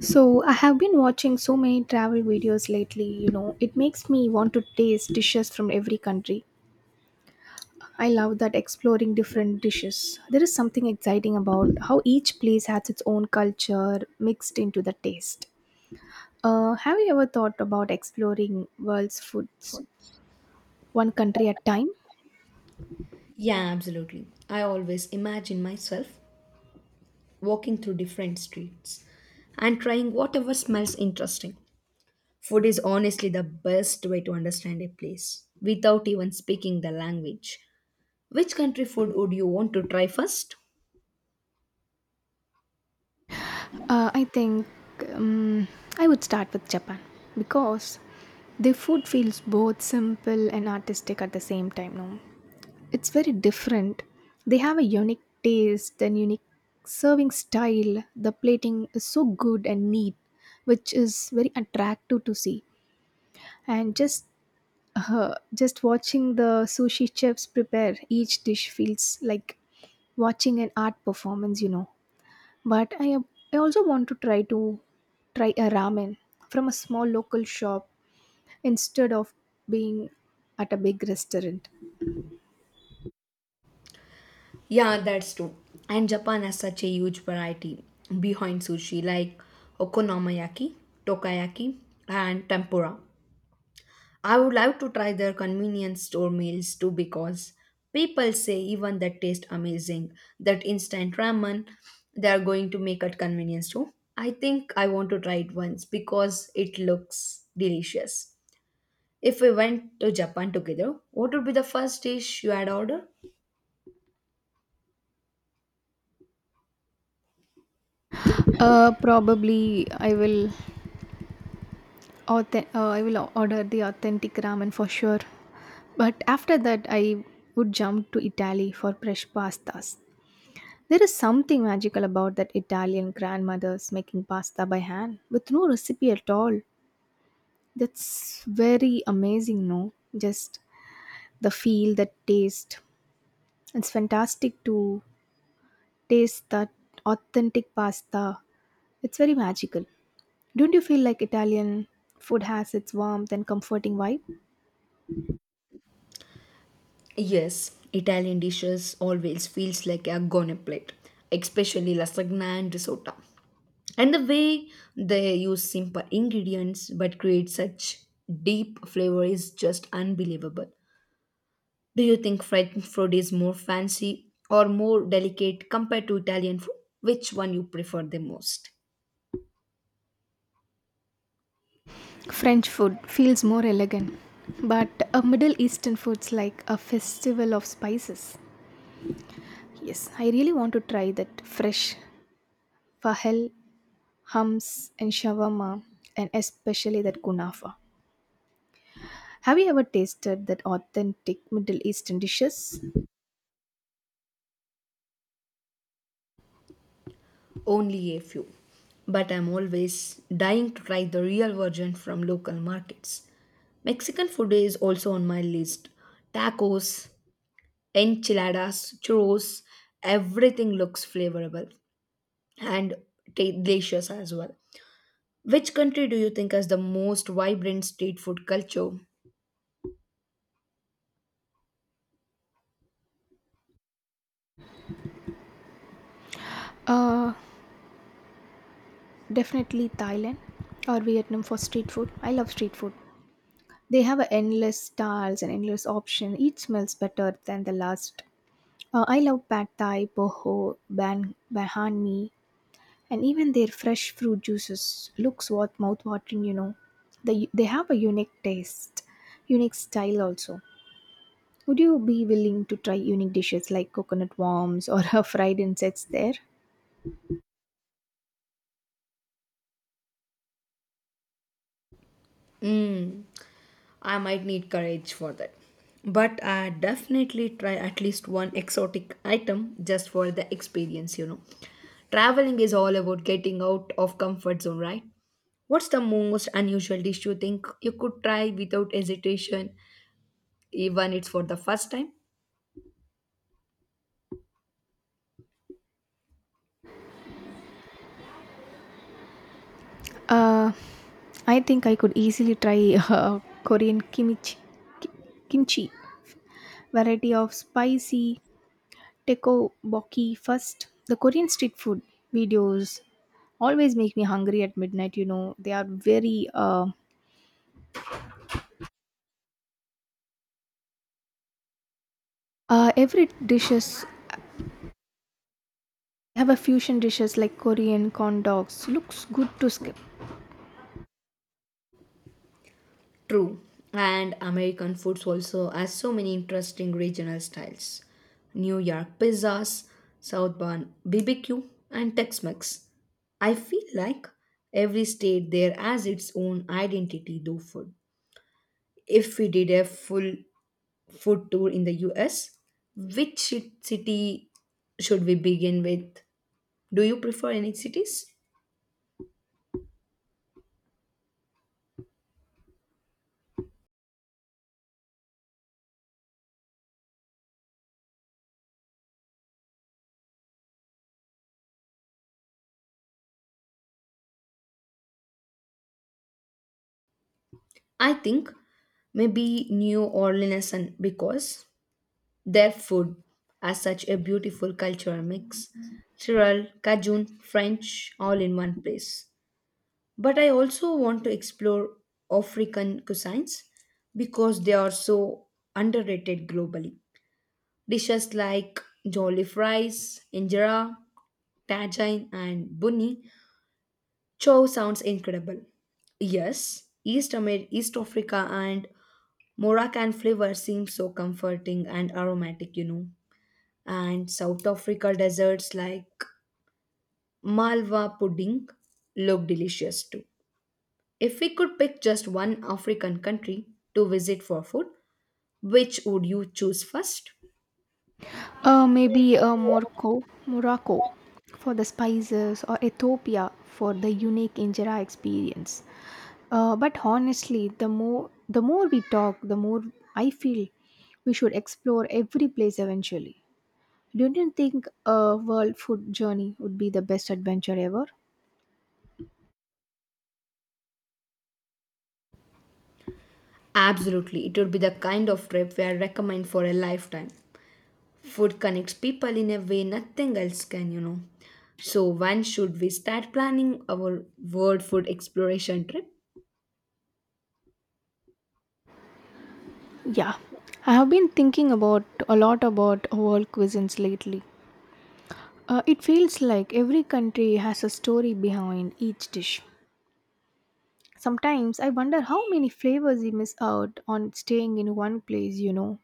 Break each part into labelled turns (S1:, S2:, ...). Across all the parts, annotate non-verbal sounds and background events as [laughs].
S1: So, I have been watching so many travel videos, lately, you know, it makes me want to taste dishes from every country. I love that exploring different dishes. There is something exciting about how each place has its own culture mixed into the taste. Have you ever thought about exploring world's foods one country at time?
S2: Yeah, absolutely. I always imagine myself walking through different streets and trying whatever smells interesting. Food is honestly the best way to understand a place without even speaking the language. Which country food would you want to try first?
S1: I think um, I would start with Japan because their food feels both simple and artistic at the same time. No, it's very different. They have a unique taste and unique serving style. The plating is so good and neat, which is very attractive to see. And just watching the sushi chefs prepare each dish feels like watching an art performance, you know. But I also want to try a ramen from a small local shop instead of being at a big restaurant.
S2: Yeah, that's true. And Japan has such a huge variety behind sushi like okonomiyaki, tokayaki, and tempura. I would love to try their convenience store meals too because people say even that taste amazing. That instant ramen, they are going to make at convenience too. I think I want to try it once because it looks delicious. If we went to Japan together, what would be the first dish you had ordered?
S1: Probably I will I will order the authentic ramen for sure. But after that, I would jump to Italy for fresh pastas. There is something magical about that Italian grandmothers making pasta by hand with no recipe at all. That's very amazing, no? Just the feel, the taste. It's fantastic to taste that authentic pasta. It's very magical. Don't you feel like Italian food has its warmth and comforting vibe?
S2: Yes, Italian dishes always feels like a gourmet plate, especially lasagna and risotto. And the way they use simple ingredients but create such deep flavor is just unbelievable. Do you think French food is more fancy or more delicate compared to Italian food? Which one you prefer the most?
S1: French food feels more elegant, but a Middle Eastern food's like a festival of spices. Yes, I really want to try that fresh fahel, hams, and shawarma, and especially that kunafa. Have you ever tasted that authentic Middle Eastern dishes?
S2: Only a few. But I'm always dying to try the real version from local markets. Mexican food is also on my list. Tacos, enchiladas, churros, everything looks flavorable and delicious as well. Which country do you think has the most vibrant street food culture?
S1: Uh, definitely Thailand or Vietnam for street food. I love street food. They have a endless styles and endless option. Each smells better than the last. I love pad thai, boho, ban, bahan mi, and even their fresh fruit juices looks what watering, you know, they have a unique taste, unique style also. Would you be willing to try unique dishes like coconut worms or [laughs] fried insects there?
S2: Mm, I might need courage for that. But I definitely try at least one exotic item just for the experience, you know. Traveling is all about getting out of comfort zone, right? What's the most unusual dish you think you could try without hesitation, even it's for the first time?
S1: Uh, I think I could easily try Korean kimchi, ki- kimchi variety of spicy Tekoboki first. The Korean street food videos always make me hungry at midnight. You know, they are very every dishes have a fusion dishes like Korean corn dogs. Looks good to skip.
S2: True. And American foods also has so many interesting regional styles. New York pizzas, Southbound BBQ, and Tex-Mex. I feel like every state there has its own identity though food. If we did a full food tour in the US, which city should we begin with? Do you prefer any cities? I think maybe New Orleans and because their food has such a beautiful cultural mix. Tyrol, Cajun, French, all in one place. But I also want to explore African cuisines because they are so underrated globally. Dishes like jollof rice, injera, tajine, and bunny chow sounds incredible. Yes, East Africa and Moroccan flavor seems so comforting and aromatic, you know. And South Africa desserts like Malwa pudding look delicious too. If we could pick just one African country to visit for food, which would you choose first?
S1: Maybe Morocco, for the spices or Ethiopia for the unique injera experience. But honestly, the more we talk, the more I feel we should explore every place eventually. Don't you think a world food journey would be the best adventure ever?
S2: Absolutely, it would be the kind of trip where I recommend for a lifetime. Food connects people in a way nothing else can, you know. So, when should we start planning our world food exploration trip?
S1: Yeah, I have been thinking about a lot about world cuisines lately. It feels like every country has a story behind each dish. Sometimes I wonder how many flavors we miss out on staying in one place, you know.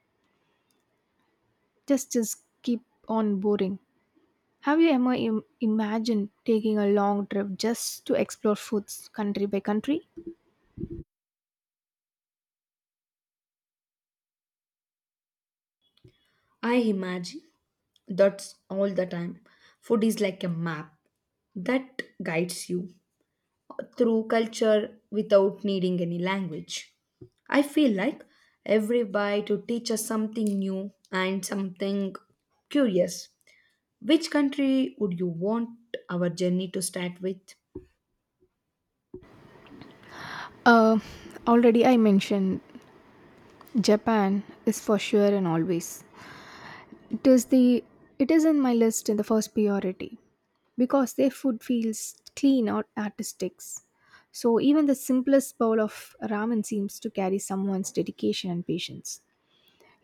S1: Just keep on boring. Have you ever imagined taking a long trip just to explore foods country by country?
S2: I imagine. That's all the time. Food is like a map that guides you through culture without needing any language. I feel like every bite to teach us something new and something curious. Which country would you want our journey to start with?
S1: Uh, Already I mentioned Japan is for sure and always. It is the it is in my list in the first priority because their food feels clean or artistic. So even the simplest bowl of ramen seems to carry someone's dedication and patience.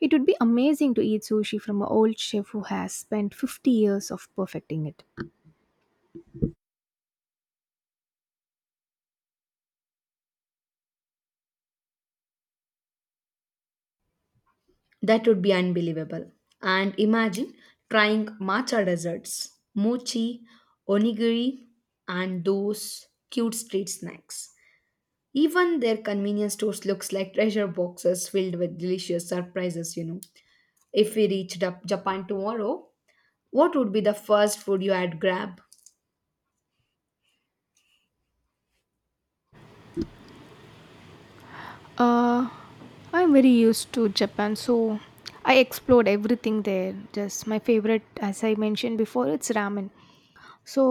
S1: It would be amazing to eat sushi from an old chef who has spent 50 years of perfecting it.
S2: That would be unbelievable. And imagine trying matcha desserts, mochi, onigiri, and those cute street snacks. Even their convenience stores looks like treasure boxes filled with delicious surprises, you know. If we reached up Japan tomorrow, what would be the first food you had grab?
S1: Uh, I'm very used to Japan, so I explored everything there. Just my favorite, as I mentioned before, it's ramen. So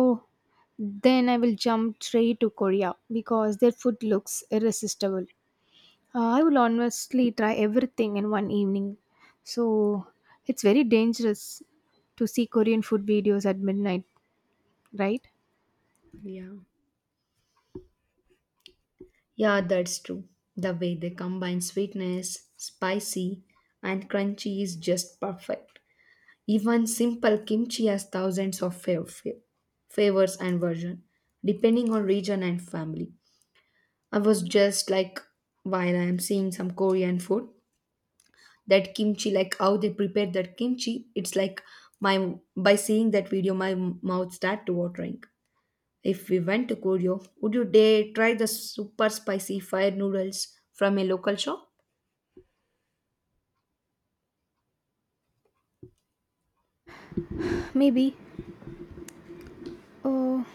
S1: then I will jump straight to Korea because their food looks irresistible. I will honestly try everything in one evening. So it's very dangerous to see Korean food videos at midnight, right?
S2: Yeah. Yeah, that's true. The way they combine sweetness, spicy, and crunchy is just perfect. Even simple kimchi has thousands of favors and version, depending on region and family. I was just like, while I am seeing some Korean food, that kimchi like how they prepare that kimchi, it's like my, by seeing that video my mouth start to watering. If we went to Korea, would you dare try the super spicy fire noodles from a local shop?
S1: Maybe. Oh,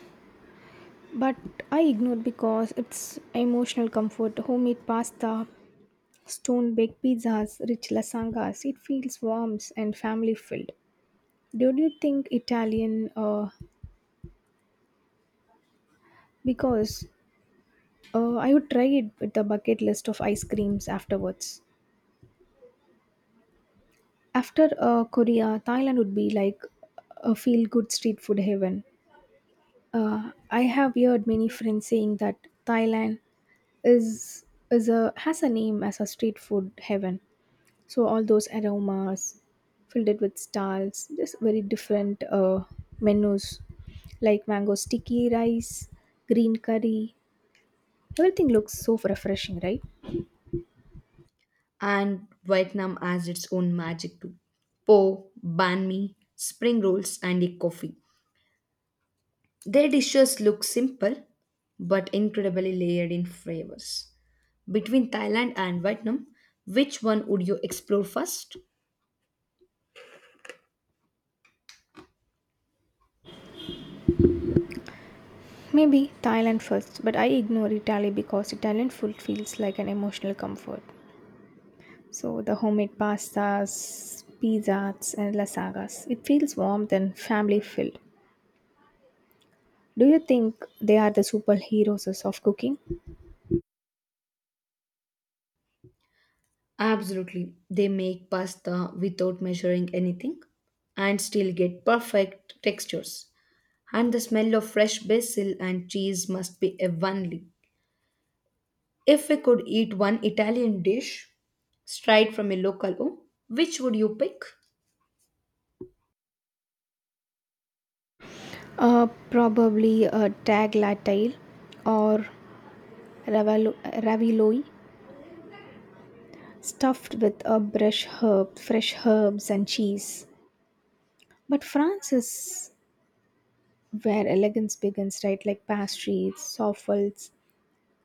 S1: but I ignored because it's emotional comfort. Homemade pasta, stone baked pizzas, rich lasangas. It feels warm and family filled. Do you think Italian? Because I would try it with a bucket list of ice creams afterwards. After Korea, Thailand would be like a feel good street food heaven. I have heard many friends saying that Thailand is is a has a name as a street food heaven. So all those aromas filled it with stalls, just very different menus like mango sticky rice, green curry. Everything looks so refreshing, right?
S2: And Vietnam has its own magic too. Po, banh mi, spring rolls, and a coffee. Their dishes look simple but incredibly layered in flavors. Between Thailand and Vietnam, which one would you explore first?
S1: Maybe Thailand first, but I ignore Italy because Italian food feels like an emotional comfort. So the homemade pastas, pizzas, and lasagnas. It feels warm and family filled. Do you think they are the superheroes of cooking?
S2: Absolutely. They make pasta without measuring anything and still get perfect textures. And the smell of fresh basil and cheese must be heavenly. If we could eat one Italian dish straight from a local home, which would you pick?
S1: Probably a tag latte or ravioli stuffed with a brush herb, fresh herbs and cheese. But France is where elegance begins, right? Like pastries, soffals,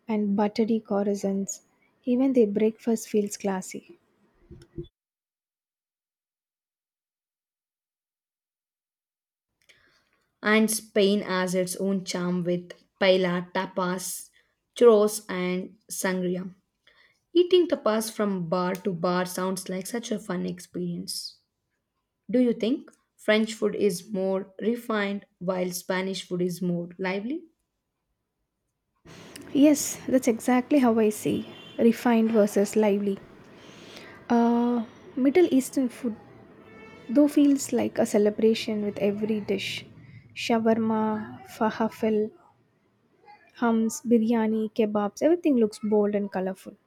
S1: and buttery croissants. Even their breakfast feels classy.
S2: And Spain has its own charm with paella, tapas, churros, and sangria. Eating tapas from bar to bar sounds like such a fun experience. Do you think French food is more refined while Spanish food is more lively?
S1: Yes, that's exactly how I see refined versus lively. Uh, Middle Eastern food, though, feels like a celebration with every dish. Shawarma, falafel, hums, biryani, kebabs, everything looks bold and colorful.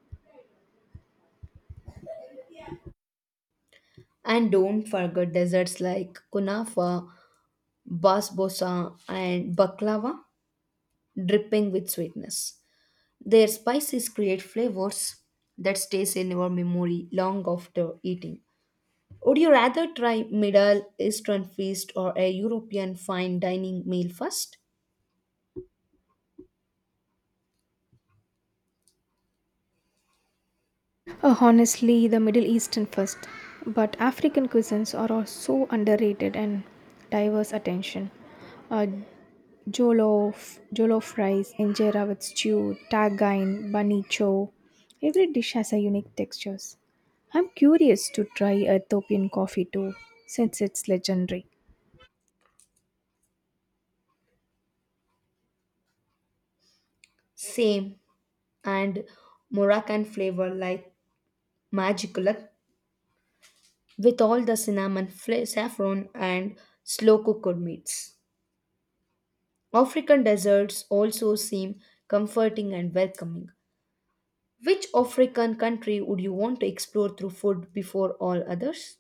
S2: And don't forget desserts like kunafa, basbosa, and baklava, dripping with sweetness. Their spices create flavors that stays in your memory long after eating. Would you rather try Middle Eastern feast or a European fine dining meal first?
S1: Honestly, the Middle Eastern first, but African cuisines are also underrated and diverse attention. Uh, Jollof rice, injera with stew, tagain, bunny chow. Every dish has a unique textures. I'm curious to try Ethiopian coffee too, since it's legendary.
S2: Same. And Moroccan flavor like magicula, with all the cinnamon, saffron, and slow cooked meats. African desserts also seem comforting and welcoming. Which African country would you want to explore through food before all others?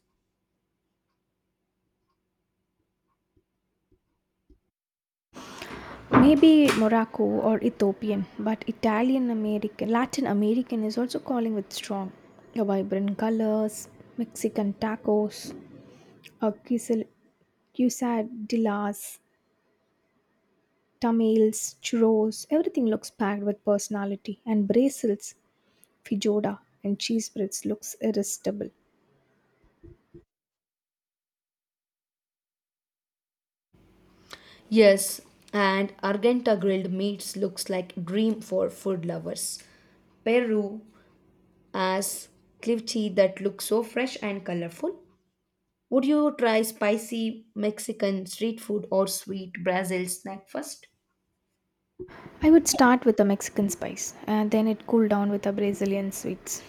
S1: Maybe Morocco or Ethiopian, but Italian American, Latin American is also calling with strong. The vibrant colors, Mexican tacos, uh, quesil- quesadillas, tamales, churros, everything looks packed with personality. And Brazil's feijoada and cheese breads looks irresistible.
S2: Yes, and Argenta grilled meats looks like dream for food lovers. Peru has ceviche that looks so fresh and colorful. Would you try spicy Mexican street food or sweet Brazil snack first?
S1: I would start with the Mexican spice and then it cooled down with the Brazilian sweets.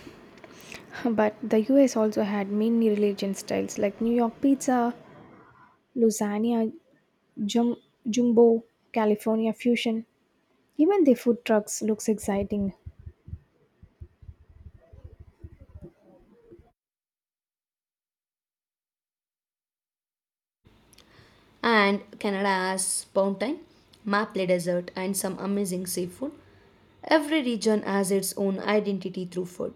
S1: [laughs] But the US also had many religion styles like New York pizza, lasagna, jum- jumbo, California fusion. Even the food trucks looks exciting.
S2: And Canada has mountain, maple desert, and some amazing seafood. Every region has its own identity through food.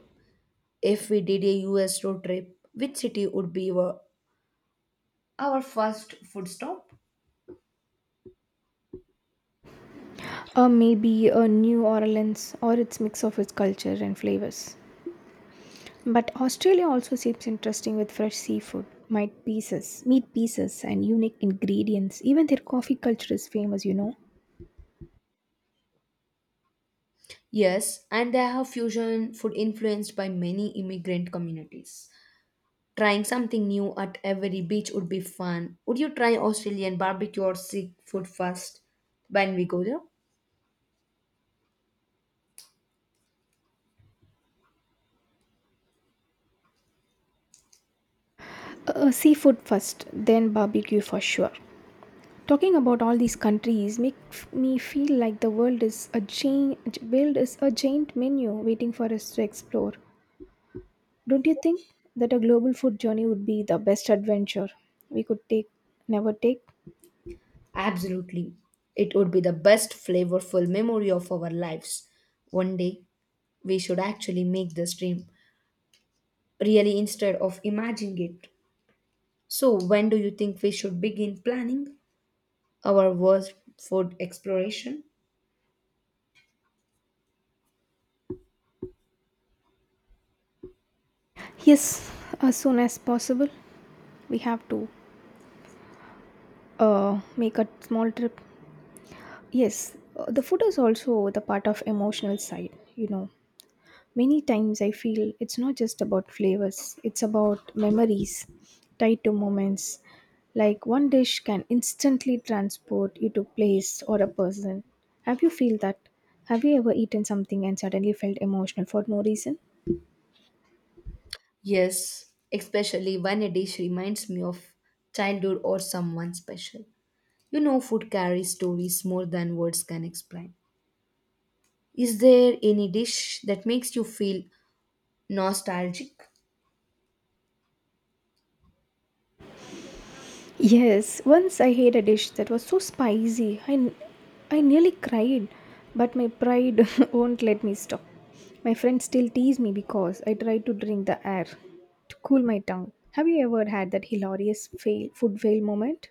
S2: If we did a US road trip, which city would be our first food stop?
S1: Or maybe a New Orleans or its mix of its culture and flavors. But Australia also seems interesting with fresh seafood, meat pieces and unique ingredients. Even their coffee culture is famous, you know.
S2: Yes, and they have fusion food influenced by many immigrant communities. Trying something new at every beach would be fun. Would you try Australian barbecue or Sikh food first when we go there?
S1: Seafood first, then barbecue for sure. Talking about all these countries makes me feel like the world is a giant world is a giant menu waiting for us to explore. Don't you think that a global food journey would be the best adventure we could take never take?
S2: Absolutely. It would be the best flavorful memory of our lives. One day, we should actually make this dream really instead of imagining it. So, when do you think we should begin planning our world food exploration?
S1: Yes, as soon as possible. We have to make a small trip. Yes, the food is also the part of emotional side, you know. Many times I feel it's not just about flavors, it's about memories tied to moments. Like one dish can instantly transport you to a place or a person. Have you feel that? Have you ever eaten something and suddenly felt emotional for no reason?
S2: Yes, especially when a dish reminds me of childhood or someone special. You know, food carries stories more than words can explain. Is there any dish that makes you feel nostalgic?
S1: Yes, once I ate a dish that was so spicy, I nearly cried, but my pride [laughs] won't let me stop. My friends still tease me because I tried to drink the air to cool my tongue. Have you ever had that hilarious food fail moment?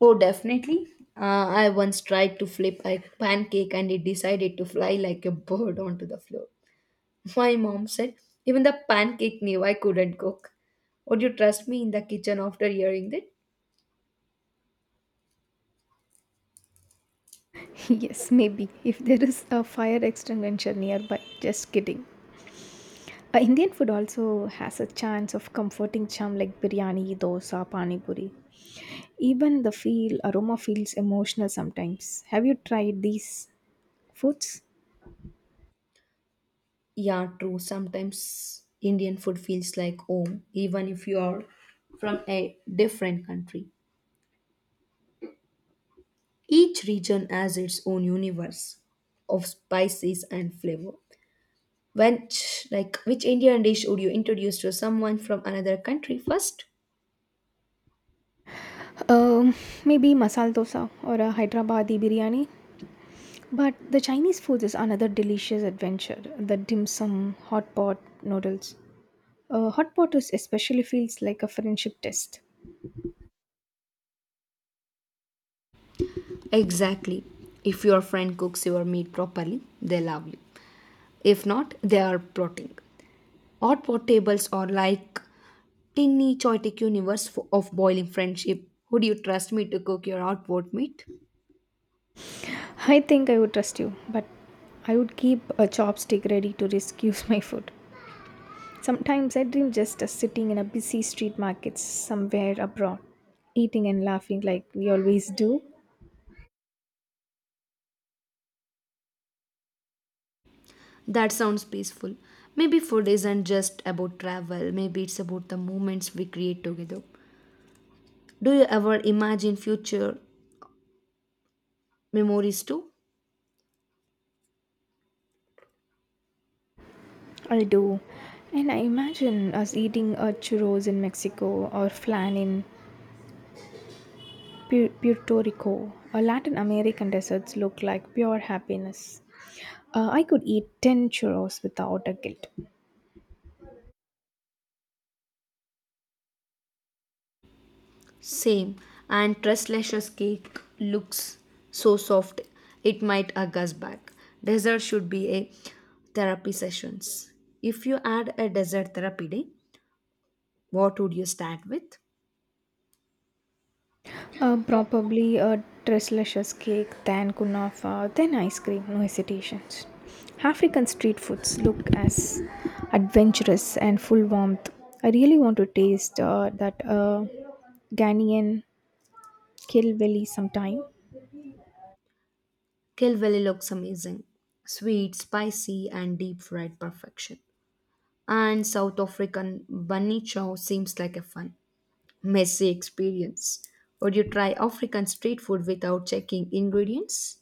S2: Oh, definitely. I once tried to flip a pancake and it decided to fly like a bird onto the floor. My mom said, even the pancake knew I couldn't cook. Would you trust me in the kitchen after hearing that?
S1: [laughs] Yes, maybe, if there is a fire extinguisher nearby. Just kidding. Indian food also has a chance of comforting charm like biryani, dosa, pani puri. Even the feel aroma feels emotional sometimes. Have you tried these foods?
S2: Yeah, true. Sometimes Indian food feels like home, even if you are from a different country. Each region has its own universe of spices and flavor. When, like, which Indian dish would you introduce to someone from another country first?
S1: Um, Maybe masala dosa or a Hyderabadi biryani. But the Chinese food is another delicious adventure. The dim sum, hot pot noodles. Hot pot is especially feels like a friendship test.
S2: Exactly. If your friend cooks your meat properly, they love you. If not, they are plotting. Hot pot tables are like tiny chaotic universe of boiling friendship. Would you trust me to cook your hot pot meat?
S1: I think I would trust you, but I would keep a chopstick ready to rescue [laughs] my food. Sometimes I dream just us sitting in a busy street market somewhere abroad, eating and laughing like we always do.
S2: That sounds peaceful. Maybe food isn't just about travel. Maybe it's about the moments we create together. Do you ever imagine future memories too?
S1: I do. And I imagine us eating a churros in Mexico or flan in Puerto Rico. Or Latin American desserts look like pure happiness. I could eat 10 churros without a guilt.
S2: Same. And Tresslash's cake looks so soft it might hug us back. Dessert should be a therapy sessions. If you add a dessert therapy day, what would you start with?
S1: Probably a delicious cake, then kunafa, then ice cream, no hesitations. African street foods look as adventurous and full warmth. I really want to taste that Ghanaian Kilbelly sometime.
S2: Kilvelly looks amazing. Sweet, spicy, and deep fried perfection. And South African bunny chow seems like a fun, messy experience. Would you try African street food without checking ingredients?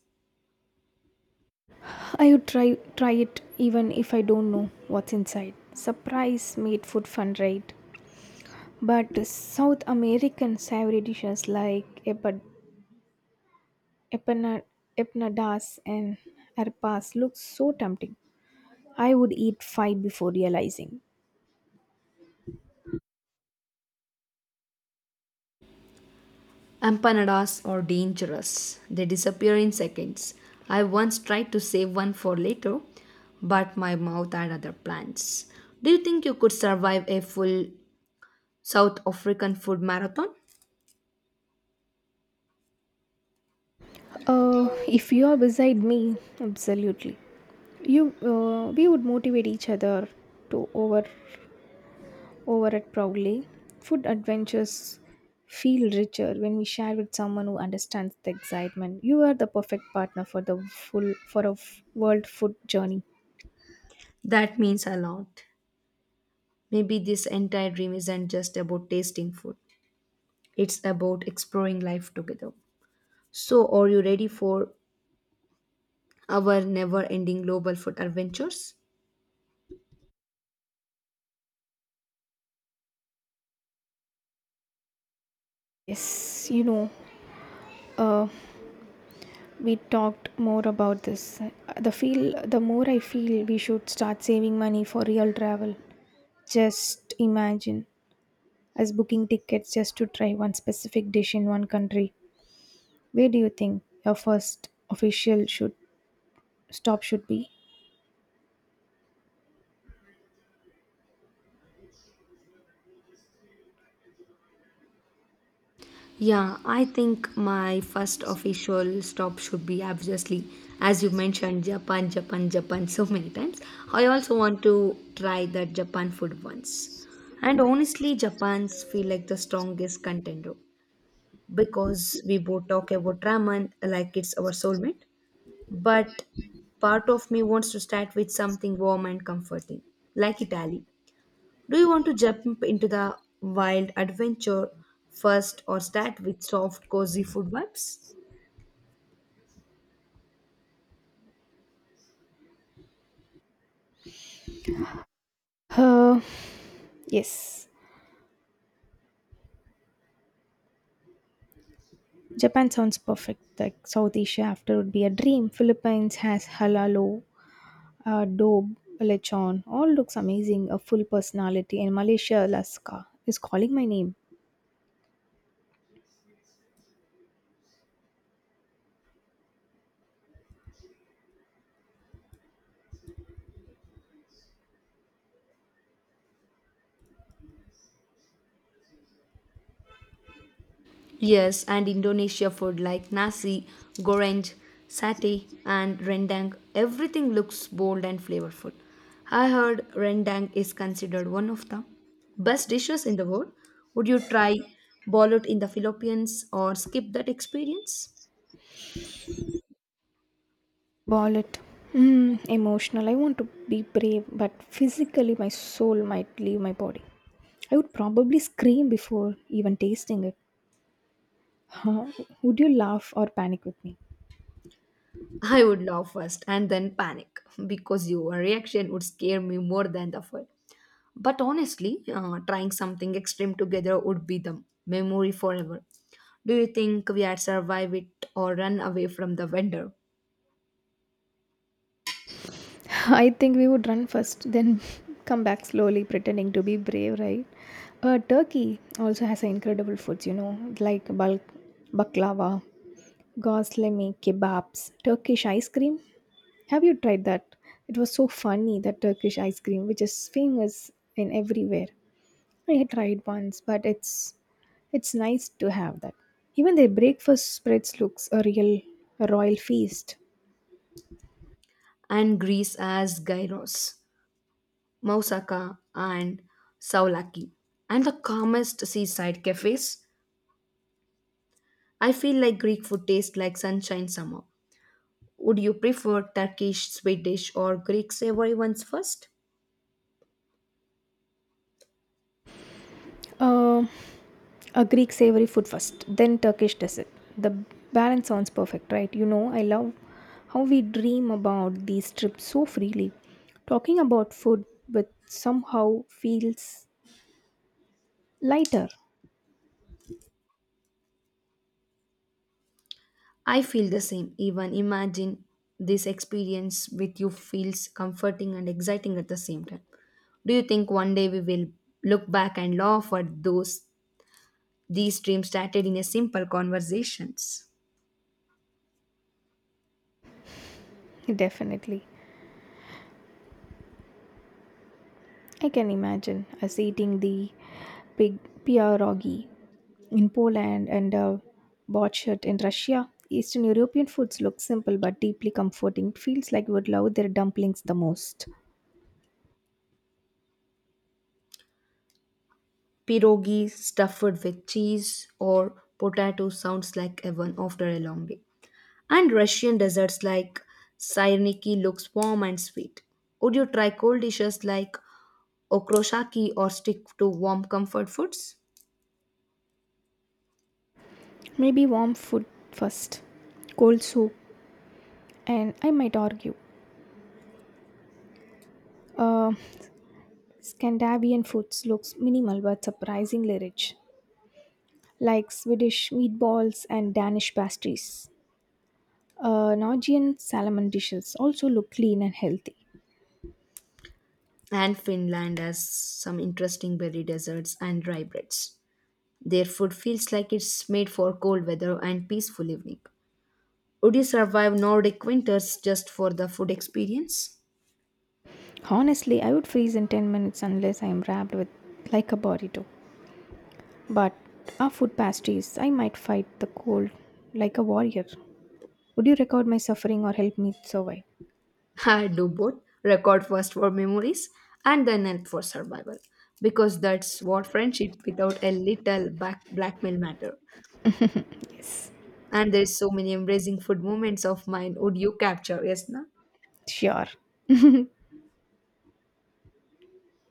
S1: I would try it even if I don't know what's inside. Surprise made food fun, right? But South American savory dishes like Epina- empanadas and arepas look so tempting. I would eat five before realizing.
S2: Empanadas are dangerous. They disappear in seconds. I once tried to save one for later, but my mouth had other plans. Do you think you could survive a full South African food marathon?
S1: If you are beside me, absolutely. We would motivate each other to over it proudly. Food adventures feel richer when we share with someone who understands the excitement. You are the perfect partner for the full for a world food journey.
S2: That means a lot. Maybe this entire dream isn't just about tasting food, it's about exploring life together. So, are you ready for our never ending global food adventures?
S1: Yes, you know, uh, we talked more about this. The more I feel we should start saving money for real travel. Just imagine us booking tickets just to try one specific dish in one country. Where do you think your first official should stop should be?
S2: Yeah, I think my first official stop should be obviously, as you mentioned, Japan, Japan, Japan so many times. I also want to try that Japan food once. And honestly, Japan's feel like the strongest contender because we both talk about ramen like it's our soulmate. But part of me wants to start with something warm and comforting, like Italy. Do you want to jump into the wild adventure first or start with soft, cozy food vibes?
S1: Uh, yes. Japan sounds perfect. Like South Asia after would be a dream. Philippines has halalo, dobe, lechon. All looks amazing. A full personality. And Malaysia, Alaska is calling my name.
S2: Yes, and Indonesia food like nasi, goreng, satay, and rendang. Everything looks bold and flavorful. I heard rendang is considered one of the best dishes in the world. Would you try bolut in the Philippines or skip that experience?
S1: Wallet. Mm, emotional. I want to be brave, but physically, my soul might leave my body. I would probably scream before even tasting it. Huh? Would you laugh or panic with me?
S2: I would laugh first and then panic because your reaction would scare me more than the food. But honestly, trying something extreme together would be the memory forever. Do you think we had survived it or run away from the vendor?
S1: [laughs] I think we would run first, then [laughs] come back slowly, pretending to be brave, right? Turkey also has incredible foods, you know, like bulk baklava, Gosleme kebabs, Turkish ice cream. Have you tried that? It was so funny that Turkish ice cream, which is famous in everywhere. I had tried once, but it's nice to have that. Even their breakfast spreads looks a royal feast.
S2: And Greece as gyros, moussaka, and saulaki, and the calmest seaside cafes. I feel like Greek food tastes like sunshine summer. Would you prefer Turkish, Swedish, or Greek savory ones first?
S1: Uh, a Greek savory food first, then Turkish dessert. The balance sounds perfect, right? You know, I love how we dream about these trips so freely. Talking about food with somehow feels lighter,
S2: I feel the same. Even imagine this experience with you feels comforting and exciting at the same time. Do you think one day we will look back and laugh at those these dreams started in a simple conversations?
S1: definitely. I can imagine us eating the pig pierogi in Poland and borscht in Russia. Eastern European foods look simple but deeply comforting. It feels like we would love their dumplings the most.
S2: Pierogi stuffed with cheese or potato sounds like heaven after a long day. And Russian desserts like Syrniki looks warm and sweet. Would you try cold dishes like okroshaki or stick to warm comfort foods?
S1: Maybe warm food first, cold soup, and I might argue. Uh, Scandinavian foods looks minimal but surprisingly rich, like Swedish meatballs and Danish pastries. Norwegian salmon dishes also look clean and healthy.
S2: And Finland has some interesting berry deserts and dry breads. Their food feels like it's made for cold weather and peaceful evening. Would you survive Nordic winters just for the food experience?
S1: Honestly, I would freeze in 10 minutes unless I am wrapped with like a burrito. But our food pastries, I might fight the cold like a warrior. Would you record my suffering or help me survive?
S2: [laughs] I do both. Record first for memories and then help for survival. Because that's what friendship without a little back blackmail matter.
S1: Yes,
S2: And there's so many embracing food moments of mine. Would you capture, yes, na?
S1: sure.